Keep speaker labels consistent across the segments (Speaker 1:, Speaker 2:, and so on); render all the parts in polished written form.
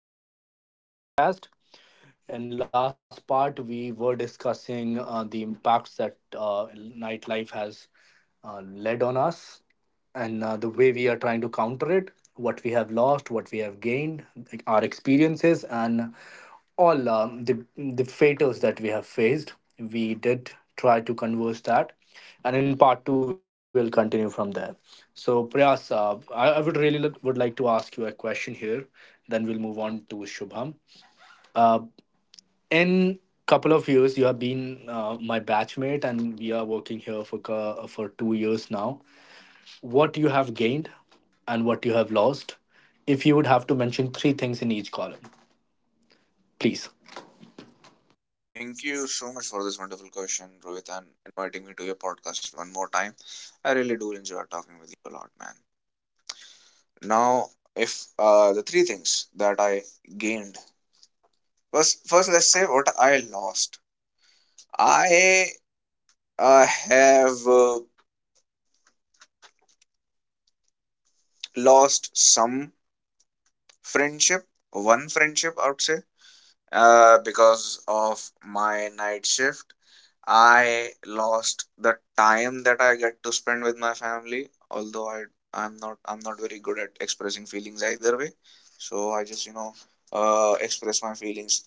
Speaker 1: the part two of our podcast. In last part, we were discussing the impacts that nightlife has led on us, and the way we are trying to counter it, what we have lost, what we have gained, like our experiences, and all, the fatals that we have faced. We did try to converse that, and in part two we'll continue from there. So Prayas, I would really would like to ask you a question here. Then we'll move on to Shubham. In couple of years you have been my batchmate, and we are working here for 2 years now. What you have gained and what you have lost, if you would have to mention three things in each column, please.
Speaker 2: Thank you so much for this wonderful question, Rohit, and inviting me to your podcast one more time. I really do enjoy talking with you a lot, man. Now, if the three things that I gained. First let's say what I lost. I have lost some friendship, one friendship, I would say, because of my night shift. I lost the time that I get to spend with my family. Although I'm not very good at expressing feelings either way, so I just you know express my feelings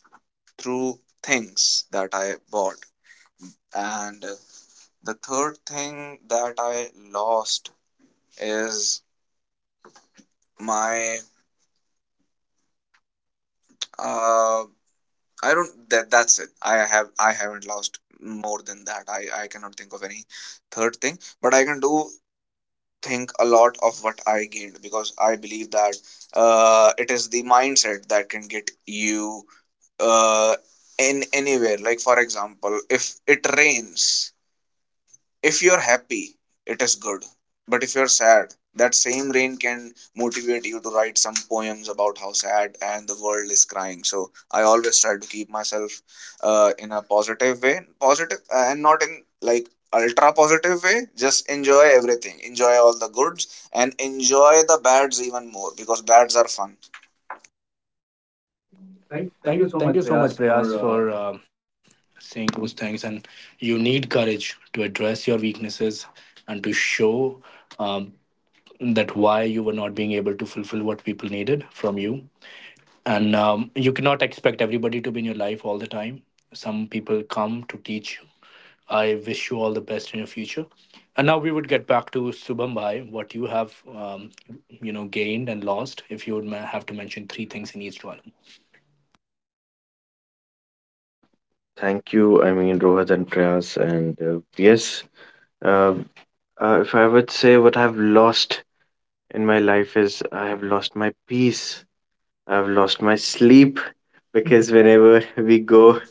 Speaker 2: through things that I bought. And the third thing that I lost is my uh, I don't— That's it. I haven't lost more than that. I cannot think of any third thing, but I can do think a lot of what I gained, because I believe that it is the mindset that can get you uh in anywhere. Like, for example, if it rains, if you're happy, it is good. But if you're sad, that same rain can motivate you to write some poems about how sad and the world is crying. So I always try to keep myself in a positive way, positive, and not in, like, ultra positive way. Just enjoy everything, enjoy all the goods, and enjoy the bads even more because bads are fun.
Speaker 3: Thank,
Speaker 1: thank
Speaker 3: thank
Speaker 1: thank you
Speaker 3: you so
Speaker 1: so
Speaker 3: much,
Speaker 1: much, Prayas,
Speaker 3: Priyas, for
Speaker 1: for um saying those things, and you need courage to address your weaknesses and to show, um, that why you were not being able to fulfill what people needed from you. And you cannot expect everybody to be in your life all the time. Some people come to teach you. I wish you all the best in your future. And now we would get back to Subham Bhai, what you have, um, gained and lost, if you would have to mention three things in each column.
Speaker 3: Uh, thank you. I mean, Rohit and Prayas, and yes, uh, if I would say what I've lost in my life is I have lost my peace. I've lost my sleep because whenever we
Speaker 1: We
Speaker 3: go
Speaker 1: go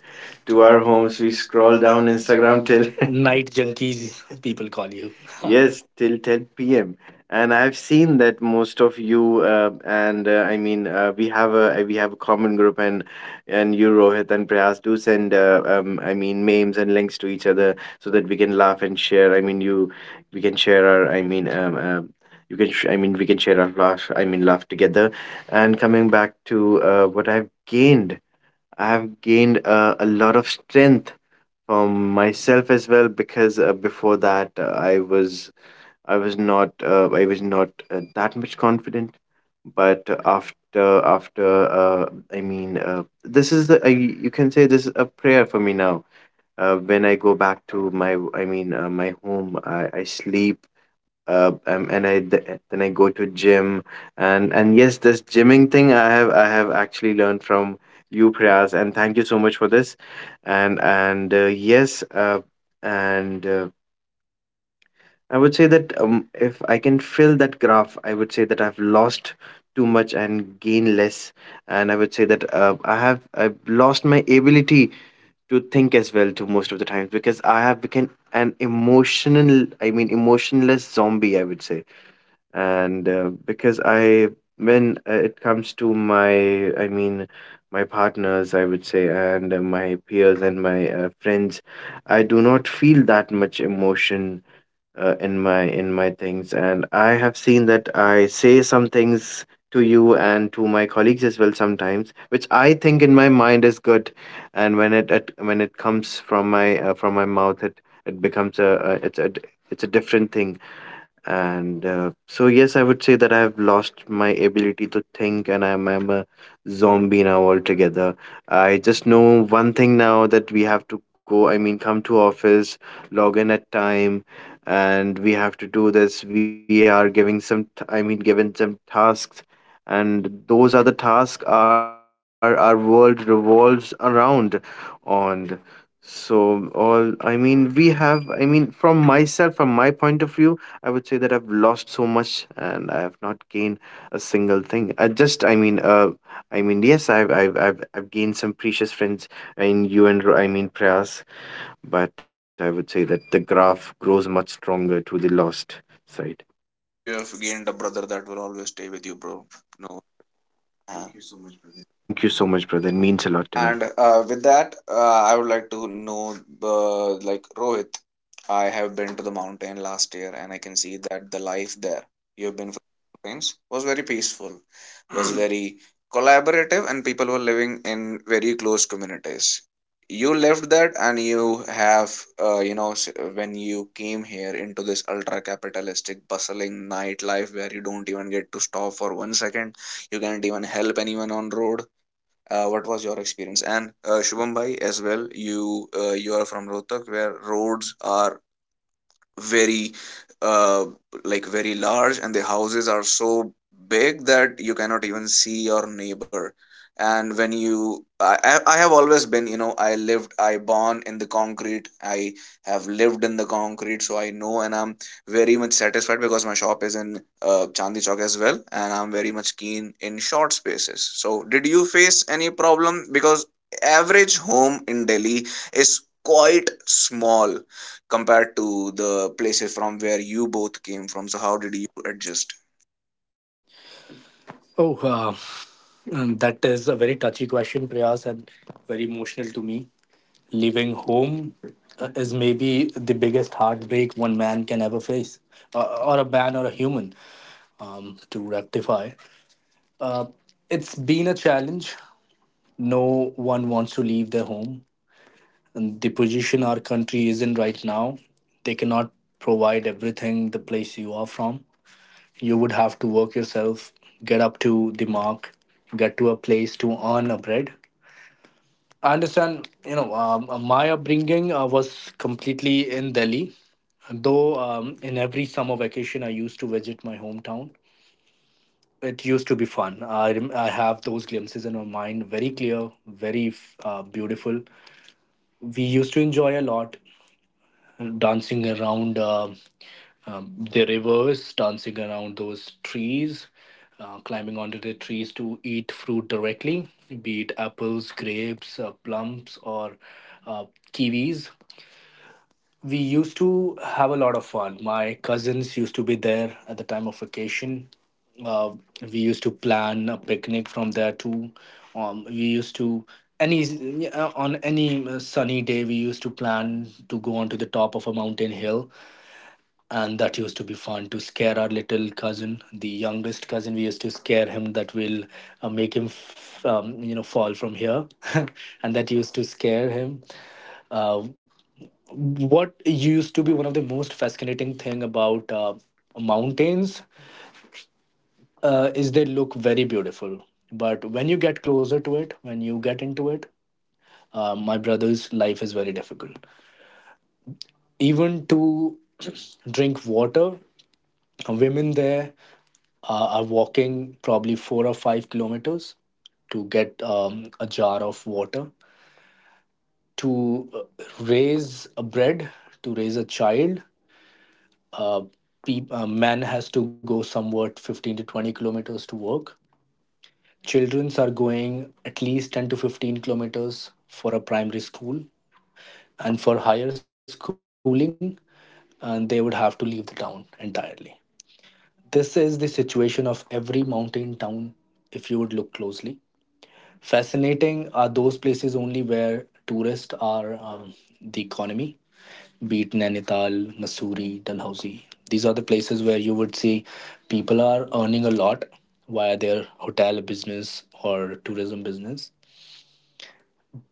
Speaker 3: to
Speaker 1: to
Speaker 3: our
Speaker 1: our
Speaker 3: homes,
Speaker 1: homes,
Speaker 3: we
Speaker 1: we
Speaker 3: scroll
Speaker 1: scroll
Speaker 3: down
Speaker 1: down
Speaker 3: Instagram
Speaker 1: Instagram
Speaker 3: till
Speaker 1: till
Speaker 3: night.
Speaker 1: night. Junkies, people call you. Yes.
Speaker 3: Yes, till 10 p.m. And I've seen that most of you and I mean we have a common group and you Rohit and Prayas do send I mean memes and links to each other so that we can laugh and share. I mean you we can share our I mean I mean we can share our laugh I mean laugh together. And coming back to what I've gained, I have gained a lot of strength from myself as well because before that I was not that much confident but after I mean this is the I, you can say this is a prayer for me now when I go back to my I mean my home I sleep and then I go to gym and yes, this gymming thing I have actually learned from you, Prayas, and thank you so much for this. And yes, and I would say that if I can fill that graph, I would say that I've lost too much and gain less, and I would say that I've lost my ability to think as well to most of the times because I have become an emotional, I mean emotionless zombie, I would say and because I when it comes to my I mean my partners I would say and my peers and my friends I do not feel that much emotion in my things and I have seen that I say some things to you and to my colleagues as well sometimes which I think in my mind is good and when it when it comes from my mouth it it becomes a, it's a it's a different thing and so, yes, I would say that I have lost my ability to think, and I'm a zombie now altogether. I just know one thing now that we have to go, I mean, come to office, log in at time, and we have to do this. We are giving some, I mean, given some tasks, and those are the tasks our world revolves around on. So, all, I mean, we have, I mean, from myself, from my point of view, I would say that I've lost so much and I have not gained a single thing. I just, I mean, yes, I've gained some precious friends in you and I mean Prayas, but I would say that the graph grows much stronger to the lost side.
Speaker 2: You have gained a brother that will always stay with you, bro. No uh,
Speaker 3: Thank you so much, brother. It means a lot to me.
Speaker 2: And with that, I would like to know, like, Rohit, I have been to the mountain last year, and I can see that the life there— you've been for mountains— was very peaceful, was very collaborative, and people were living in very close communities. You left that, and you have, uh, you know, s- when you came here into this ultra capitalistic, bustling nightlife where you don't even get to stop for 1 second, you can't even help anyone on road, what was your experience? And Shubham bhai, as well, you you are from Rohtak, where roads are very, uh, like, very large, and the houses are so big that you cannot even see your neighbor. And when you— I have always been, you know, I born in the concrete, I have lived in the concrete, so I know, and I'm very much satisfied because my shop is in Chandni Chowk as well, and I'm very much keen in short spaces. So, did you face any problem? Because average home in Delhi is quite small compared to the places from where you both came from. So how did you adjust?
Speaker 1: Oh, that is a very touchy question, priyas and very emotional to me. Leaving home is maybe the biggest heartbreak one man can ever face, or a man or a human, to rectify. It's been a challenge. No one wants to leave their home. And the position our country is in right now, they cannot provide everything the place you are from. You would have to work yourself, get up to the mark, get to a place to earn a bread. I understand, my upbringing was completely in Delhi. Though in every summer vacation, I used to visit my hometown. It used to be fun. I have those glimpses in my mind, very clear, beautiful. We used to enjoy a lot, dancing around the rivers, dancing around those trees, climbing onto the trees to eat fruit directly, be it apples, grapes, plums, or uh, kiwis. We used to have a lot of fun. My cousins used to be there at the time of vacation. Uh, we used to plan a picnic from there too. We used to any yeah, On any sunny day we used to plan to go onto the top of a mountain hill, and that used to be fun, to scare our little cousin, the youngest cousin. We used to scare him that will make him fall from here, and that used to scare him. Uh, what used to be one of the most fascinating thing about mountains, is they look very beautiful, but when you get closer to it, when you get into it, my brother's life is very difficult, even to drink water. Women there are walking probably 4 or 5 kilometers to get a jar of water, to raise a bread, to raise a child. Uh, peop Men has to go somewhat 15 to 20 kilometers to work. Childrens are going at least 10 to 15 kilometers for a primary school, and for higher schooling, and they would have to leave the town entirely. This is the situation of every mountain town, if you would look closely. Fascinating are those places only where tourists are, the economy, be it Nainital, Mussoorie, Dalhousie. These are the places where you would see people are earning a lot via their hotel business or tourism business.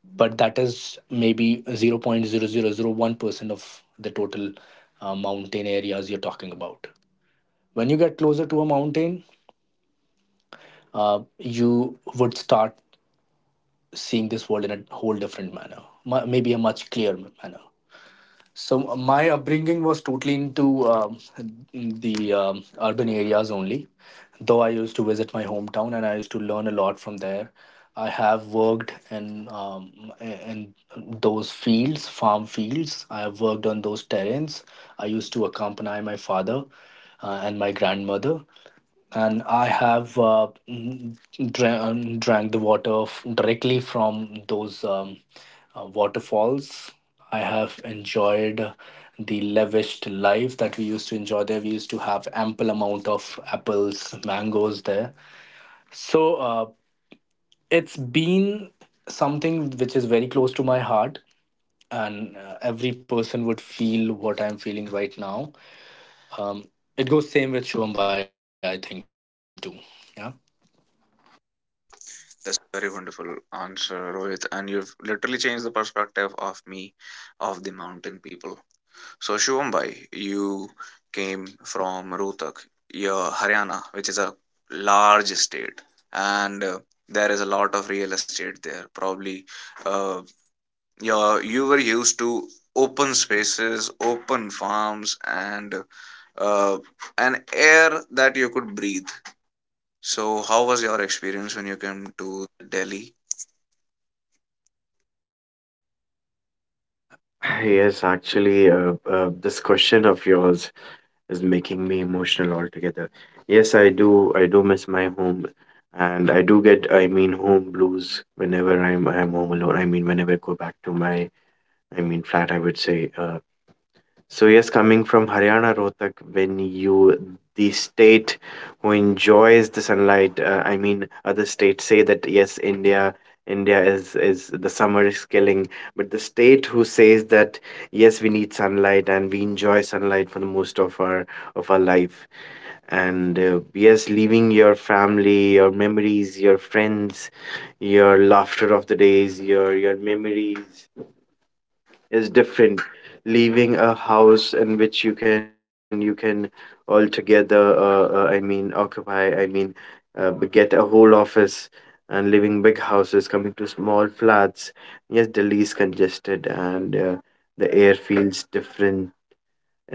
Speaker 1: But that is maybe 0.0001% of the total mountain areas you're talking about. When you get closer to a mountain, you would start seeing this world in a whole different manner, maybe a much clearer manner. So my upbringing was totally into the urban areas only, though I used to visit my hometown and I used to learn a lot from there. I have worked in, those fields, farm fields. I have worked on those terrains. I used to accompany my father and my grandmother, and I have, drank the water directly from those waterfalls. I have enjoyed the lavish life that we used to enjoy there. We used to have ample amount of apples, mangoes there. So it's been something which is very close to my heart, and every person would feel what I'm feeling right now. Um, it goes same with Shubham Bhai, I think too. Yeah.
Speaker 2: That's a Very wonderful answer, Rohit. And you've literally changed the perspective of me, of the mountain people. So, Shivam Bhai, you came from Rohtak, your Haryana, which is a large state. And there is a lot of real estate there. Probably uh, yeah, you were used to open spaces, open farms, and uh, an air that you could breathe. So, how was your experience when you came to Delhi?
Speaker 3: Yes, actually, this question of yours is making me emotional altogether. Yes, I do. I do miss my home, and I do get, I mean, home blues whenever I'm home alone. I mean, whenever I go back to my, I mean, flat, I would say, so yes, coming from Haryana, Rohtak, when you the state who enjoys the sunlight, I mean, other states say that yes, India is the summer is killing, but the state who says that yes, we need sunlight and we enjoy sunlight for the most of our life, and yes, leaving your family, your memories, your friends, your laughter of the days, your memories is different leaving a house in which you can altogether I mean occupy I mean get a whole office and living big houses coming to small flats yes delhi is congested and the air feels different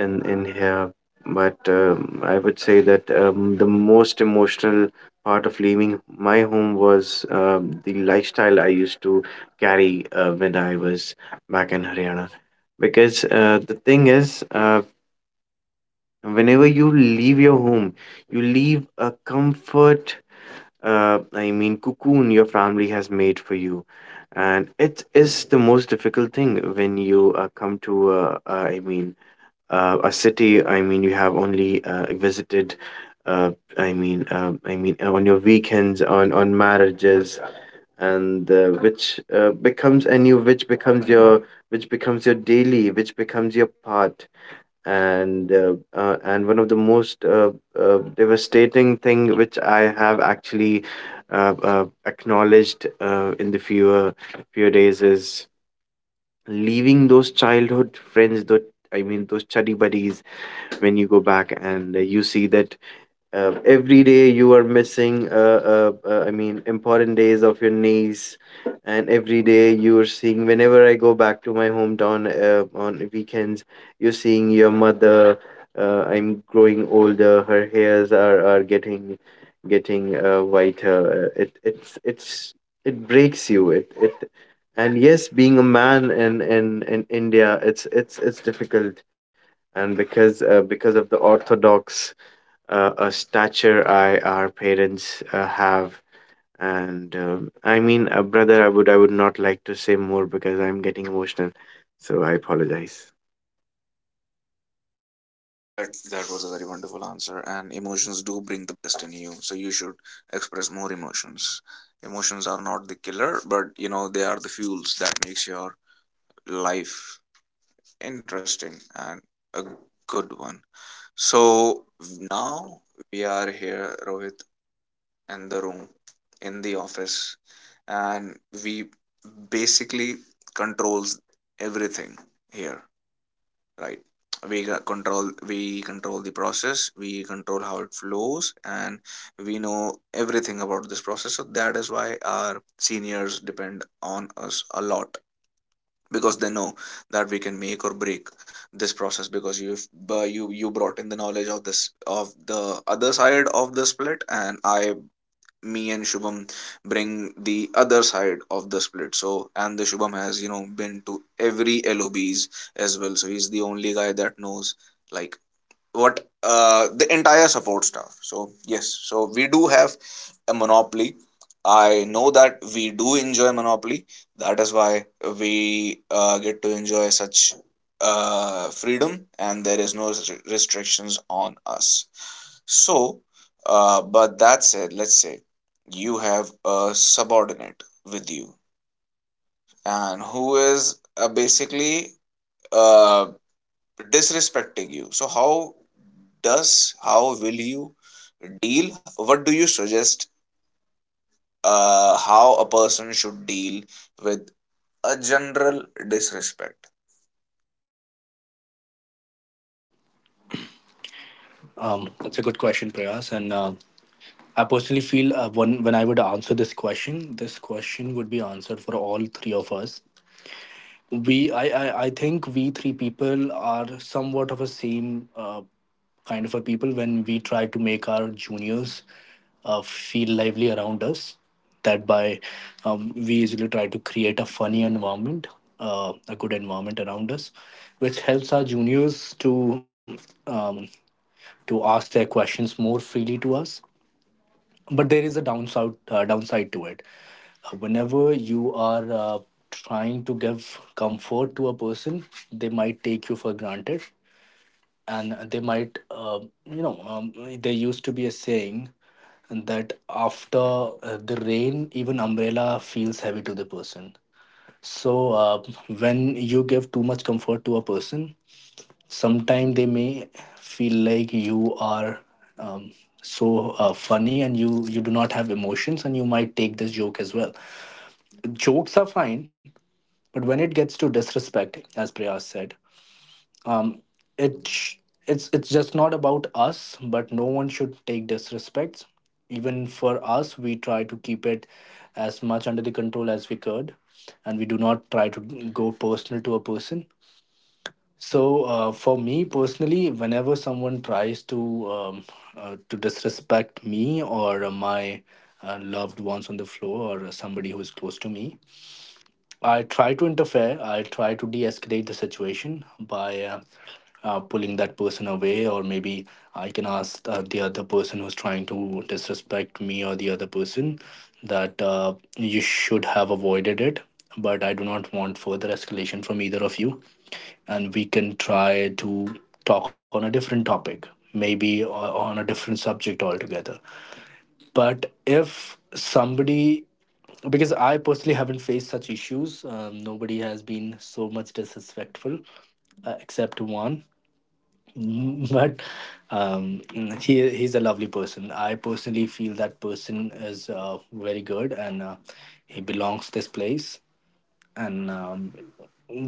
Speaker 3: in here but I would say that the most emotional part of leaving my home was the lifestyle I used to carry when I was back in haryana because the thing is whenever you leave your home you leave a comfort I mean cocoon your family has made for you and it is the most difficult thing when you come to I mean a city I mean you have only visited uh, I mean on your weekends on marriages and which becomes your daily which becomes your part and one of the most devastating thing which I have actually acknowledged in the fewer few days is leaving those childhood friends Though I mean those study buddies when you go back and you see that every day you are missing I mean important days of your niece and every day you are seeing whenever I go back to my hometown on weekends you're seeing your mother I'm growing older her hairs are getting whiter it's it breaks you it it and yes being a man in india it's difficult and because of the orthodox a stature I our parents have. And I mean, brother, I would not like to say more because I'm getting emotional, so I apologize.
Speaker 2: That was a very wonderful answer, and emotions do bring the best in you. So, you should express more emotions. Emotions are not the killer, but, you know, they are the fuels that makes your life interesting and a good one. So now we are here, Rohit, in the room, in the office, and we basically controls everything here, right? We got control. We control the process, we control how it flows, and we know everything about this process. So that is why our seniors depend on us a lot, because they know that we can make or break this process. Because you've— you brought in the knowledge of this of the other side of the split, and I, me and Shubham, bring the other side of the split. So, and the Shubham has, you know, been to every LOBs as well. So he's the only guy that knows, like, what the entire support staff. So yes, so we do have a monopoly. I know that we do enjoy monopoly. That is why we get to enjoy such freedom, and there is no restrictions on us. So, but that said, let's say you have a subordinate with you, and who is basically uh, disrespecting you. So, how will you deal? What do you suggest how a person should deal with a general disrespect?
Speaker 1: That's a good question, Prayas. And I personally feel, when I would answer this question would be answered for all three of us. I think we three people are somewhat of a same kind of a people, when we try to make our juniors feel lively around us. That by, we usually try to create a funny environment, a good environment around us, which helps our juniors um, to ask their questions more freely to us. But there is a downside to it. Whenever you are trying to give comfort to a person, they might take you for granted, and they might, you know, there used to be a saying that after the rain, even umbrella feels heavy to the person. So when you give too much comfort to a person, sometimes they may feel like you are, um, so funny, and you do not have emotions, and you might take this joke as well. Jokes are fine, but when it gets to disrespect, as Priyas said, um, it sh- it's just not about us, but no one should take disrespect. Even for us we try to keep it as much under the control as we could, and we do not try to go personal to a person. So for me personally, whenever someone tries to disrespect me, or my loved ones on the floor, or somebody who is close to me, I try to interfere. I try to de-escalate the situation by pulling that person away, or maybe I can ask the other person who's trying to disrespect me, or the other person, that you should have avoided it. But I do not want further escalation from either of you, and we can try to talk on a different topic, maybe on a different subject altogether. But if somebody Because I personally haven't faced such issues. Nobody has been so much disrespectful, except one. But um, he's a lovely person. I personally feel that person is very good, and he belongs this place, and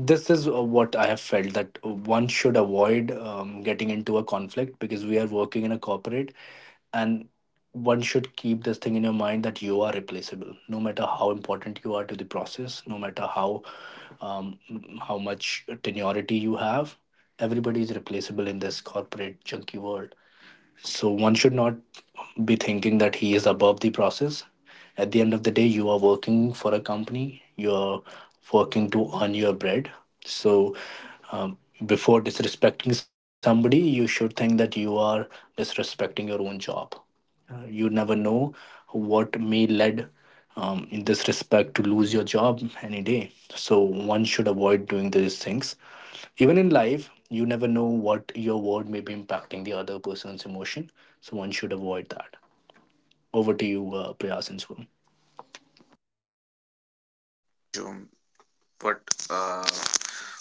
Speaker 1: this is what I have felt, that one should avoid getting into a conflict, because we are working in a corporate, and one should keep this thing in your mind, that you are replaceable, no matter how important you are to the process, no matter um, how much tenority you have. Everybody is replaceable in this corporate junky world, so one should not be thinking that he is above the process. At the end of the day, you are working for a company, you're working to earn your bread. So, um, before disrespecting somebody, you should think that you are disrespecting your own job. You never know what may lead, in this respect, to lose your job any day. So one should avoid doing these things. Even in life, you never know what your word may be impacting the other person's emotion, so one should avoid that. Over to you, Priya Sinsukum.
Speaker 2: Jum, What uh,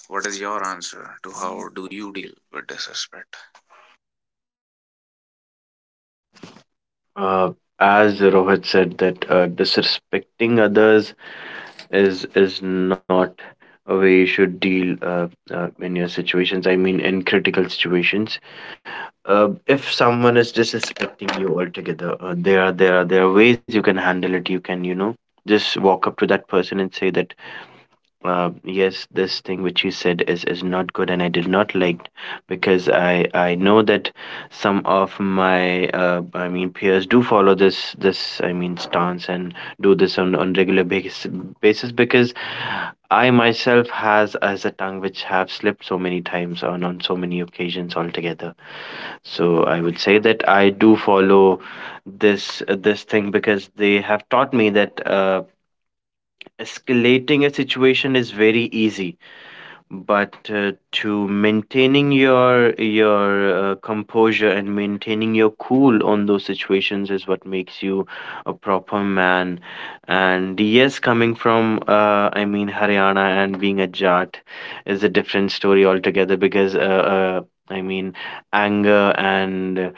Speaker 2: what is your answer to how do you deal with disrespect?
Speaker 3: Uh, as Rohit said, that disrespecting others is not a way you should deal in your situations. I mean, in critical situations, if someone is disrespecting you altogether, there are there are ways you can handle it. You can you know just walk up to that person and say that yes, this thing which you said is not good, and I did not like because I know that some of my I mean peers do follow this I mean stance and do this on regular basis because I myself has as a tongue which have slipped so many times on so many occasions altogether. So I would say that I do follow this thing because they have taught me that. Escalating a situation is very easy but to maintaining your composure and maintaining your cool on those situations is what makes you a proper man and yes coming from I mean haryana and being a jat is a different story altogether because uh, I mean anger and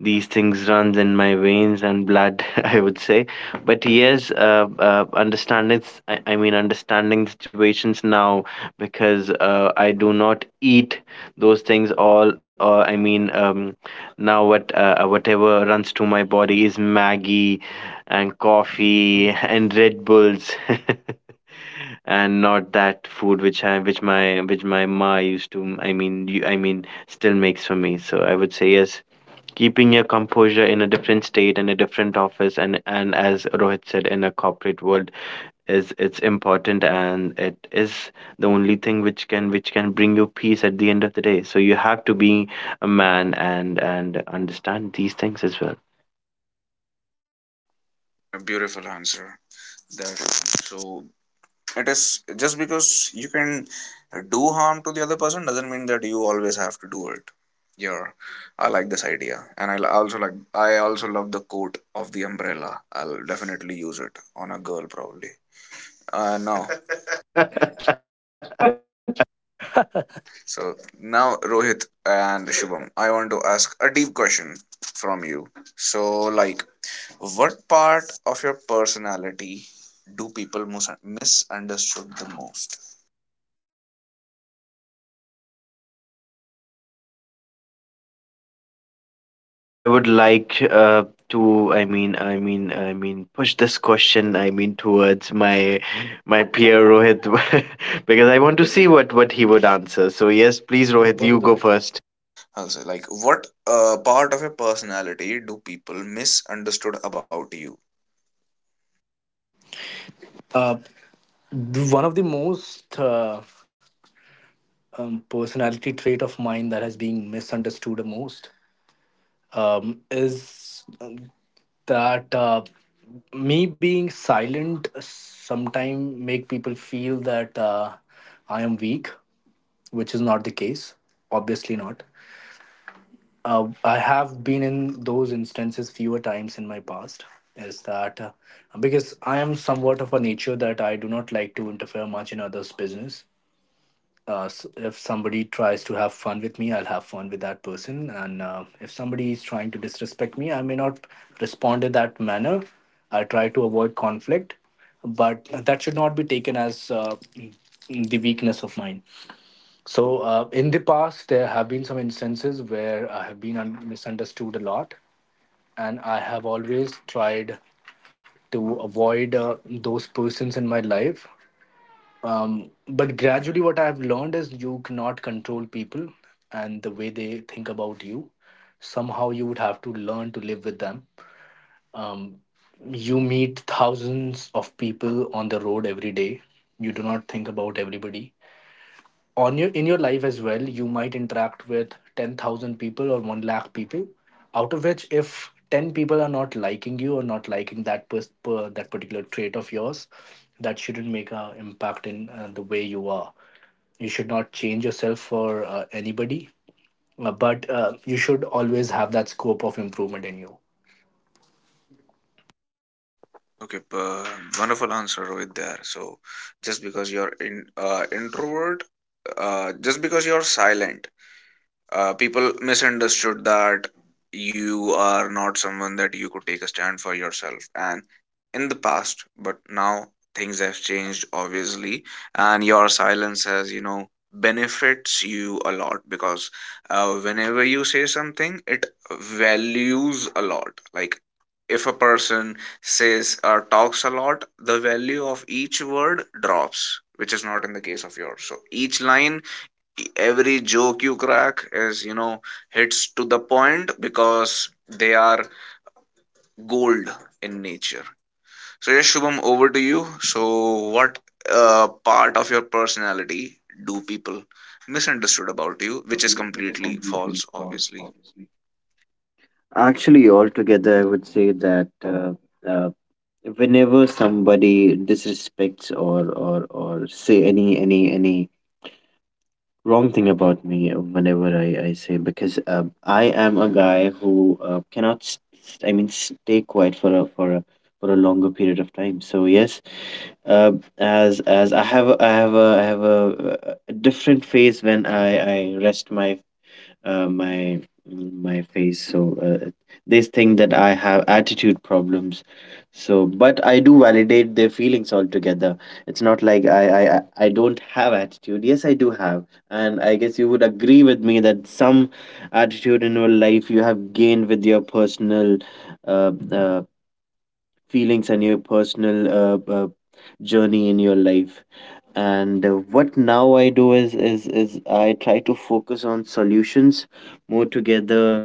Speaker 3: these things runs in my veins and blood I would say but yes understanding I mean understanding situations now because I do not eat those things all. Or I mean, now what whatever runs to my body is Maggie and coffee and Red Bulls, and not that food which I which my ma used to. I mean, you, I mean, still makes for me. So I would say yes. Keeping your composure in a different state and a different office, and as Rohit said, in a corporate world, is it's important and it is the only thing which can bring you peace at the end of the day. So you have to be a man and understand these things as well.
Speaker 2: A beautiful answer. That so It is just because you can do harm to the other person doesn't mean that you always have to do it. Yeah, I like this idea, and I also love the quote of the umbrella. I'll definitely use it on a girl probably. No.
Speaker 3: I
Speaker 2: So now, Rohit and Shubham, I want to ask a deep question from you. So, like, what part of your personality do people misunderstood the most?
Speaker 3: I would like to I mean push this question I mean towards my my peer Rohit because I want to see what he would answer. So yes, please Rohit, you go first.
Speaker 2: Also, like, what part of your personality do people misunderstood about you?
Speaker 1: Uh, One of the most, personality trait of mine that has been misunderstood the most, is that me being silent sometimes make people feel that I am weak, which is not the case. Obviously not. I have been in those instances fewer times in my past. Is that because I am somewhat of a nature that I do not like to interfere much in others' business. If somebody tries to have fun with me, I'll have fun with that person, and if somebody is trying to disrespect me, I may not respond in that manner. I try to avoid conflict, but that should not be taken as the weakness of mine. So, in the past, there have been some instances where I have been misunderstood a lot, and I have always tried to avoid those persons in my life. But gradually, what I've learned is you cannot control people, and the way they think about you. Somehow, you would have to learn to live with them. Um, you meet thousands of people on the road every day. You do not think about everybody on your in your life as well. You might interact with 10,000 people or 1 lakh people, out of which if 10 people are not liking you, or not liking that that particular trait of yours, that shouldn't make an impact in the way you are. You should not change yourself for anybody, but you should always have that scope of improvement in you.
Speaker 2: Okay, wonderful answer, Rohit. There. So, just because you're in, introvert, just because you're silent, people misunderstood that you are not someone that you could take a stand for yourself, and in the past. But now things have changed, obviously, and your silence has, you know, benefits you a lot. Because whenever you say something, it values a lot. Like, if a person says or talks a lot, the value of each word drops, which is not in the case of yours. So each line, every joke you crack is, you know, hits to the point, because they are gold in nature. So yes, Shubham, over to you. So what part of your personality do people misunderstood about you which is completely false, obviously?
Speaker 3: Actually, altogether, I would say that uh, whenever somebody disrespects or or say any any wrong thing about me, whenever I say because I am a guy who cannot s- s- I mean stay quiet for a for a longer period of time. So yes, uh, as I have I have a different phase when I rest my my my face so they think that I have attitude problems so but I do validate their feelings altogether it's not like I don't have attitude yes I do have and I guess you would agree with me that some attitude in your life you have gained with your personal uh, uh, feelings and your personal journey in your life and what now I do is I try to focus on solutions more together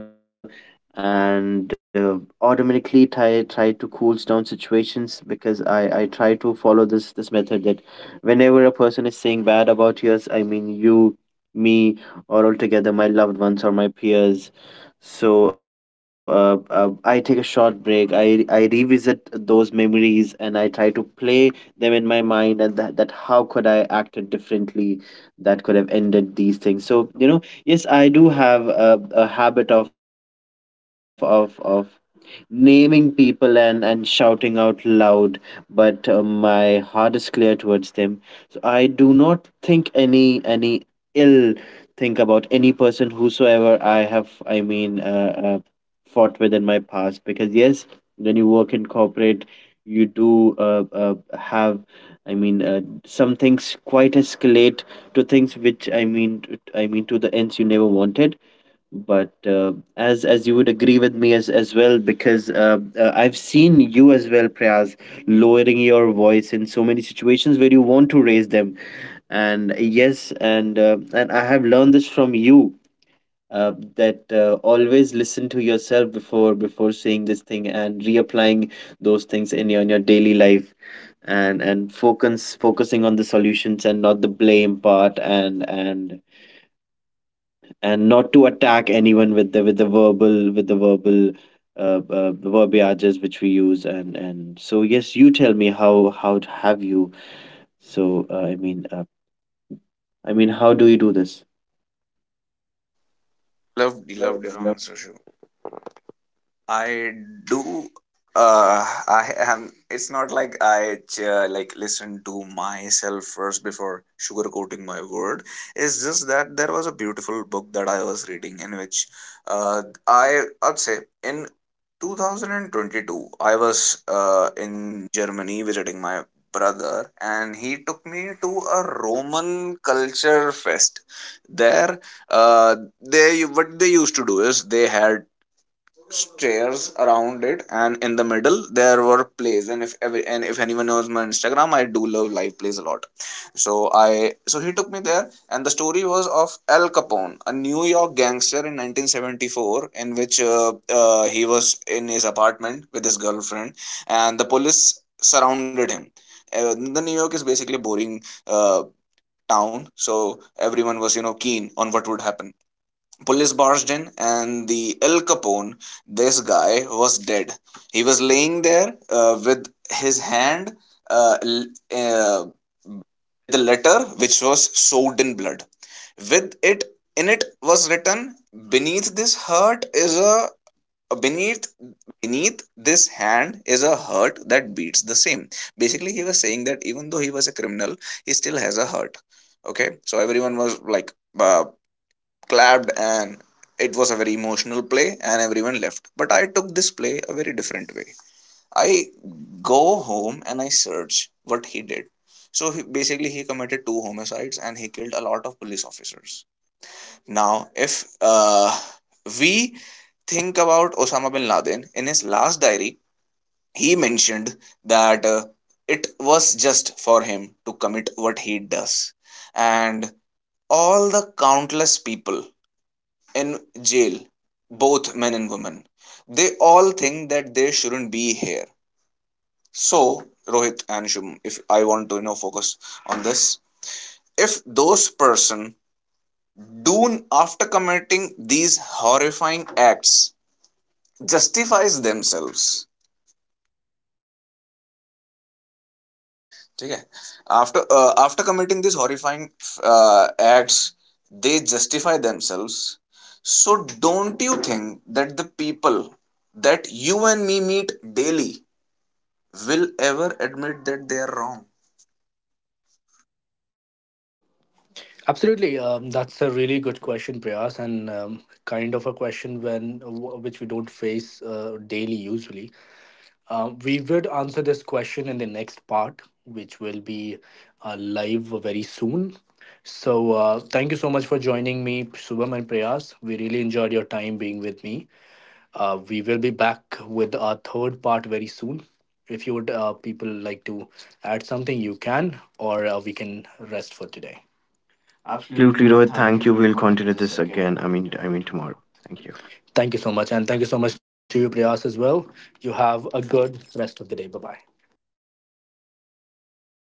Speaker 3: and automatically try to cools down situations because I try to follow this method that whenever a person is saying bad about us I mean you me or altogether my loved ones or my peers so I take a short break I revisit those memories and I try to play them in my mind and that how could I acted differently that could have ended these things so you know yes I do have a habit of naming people and shouting out loud, but my heart is clear towards them. So I do not think any ill think about any person whosoever I have. I mean, fought with in my past because yes, when you work in corporate, you do have. I mean, some things quite escalate to things which I mean, I mean to the ends you never wanted but as you would agree with me as well because I've seen you as well Prayas lowering your voice in so many situations where you want to raise them and yes and I have learned this from you uh, that always listen to yourself before saying this thing and reapplying those things in your daily life and focusing on the solutions and not the blame part and and not to attack anyone with the verbal verbiages which we use and so yes you tell me how have you so I mean how do you do this
Speaker 2: Loved your answer, Shubham. I do. I am. It's not like I like listen to myself first before sugarcoating my word. It's just that there was a beautiful book that I was reading in which, I I'd say in 2022 I was in Germany visiting my brother, and he took me to a Roman culture fest. There, uh, they, what they used to do is they had stairs around it, and in the middle there were plays. And if every— and if anyone knows my Instagram, I do love live plays a lot. So I— so he took me there, and the story was of Al Capone, a New York gangster, in 1974, in which, he was in his apartment with his girlfriend and the police surrounded him. The New York is basically a boring uh, town, so everyone was, you know, keen on what would happen. Police barged in, and the El Capone, this guy, was dead. He was laying there, with his hand, l- uh, the letter which was soaked in blood. With it, in it was written, "Beneath this hurt is a— beneath beneath this hand is a hurt that beats the same." Basically, he was saying that even though he was a criminal, he still has a hurt. Okay, so everyone was like, uh, clapped, and it was a very emotional play and everyone left. But I took this play a very different way. I go home and I search what he did. So he, basically, he committed 2 homicides and he killed a lot of police officers. Now if, we think about Osama bin Laden, in his last diary he mentioned that it was just for him to commit what he does. And all the countless people in jail, both men and women, they all think that they shouldn't be here. So, Rohit and Shubham, if I want to, you know, focus on this, if those person do after committing these horrifying acts justifies themselves, okay? After committing these horrifying acts, they justify themselves. So, don't you think that the people that you and me meet daily will ever admit that they are wrong?
Speaker 1: Absolutely. That's a really good question, Prayas, and kind of a question which we don't face daily usually. We would answer this question in the next part, which will be live very soon. So, thank you so much for joining me, Shubham and Prayas. We really enjoyed your time being with me. We will be back with our third part very soon. If you would, people like to add something, you can, or we can rest for today. Absolutely,
Speaker 3: absolutely
Speaker 1: Rohit.
Speaker 3: rohit
Speaker 1: Thank
Speaker 3: thank
Speaker 1: you.
Speaker 3: you we'll
Speaker 1: We'll
Speaker 3: continue
Speaker 1: continue
Speaker 3: this
Speaker 1: this
Speaker 3: again
Speaker 1: again,
Speaker 3: I
Speaker 1: I
Speaker 3: mean
Speaker 1: mean, I mean
Speaker 3: tomorrow
Speaker 1: tomorrow.
Speaker 3: thank you
Speaker 1: Thank you. Thank you so much. And thank you so much to you, Priyas, as well. You have a good rest of the day. Bye bye.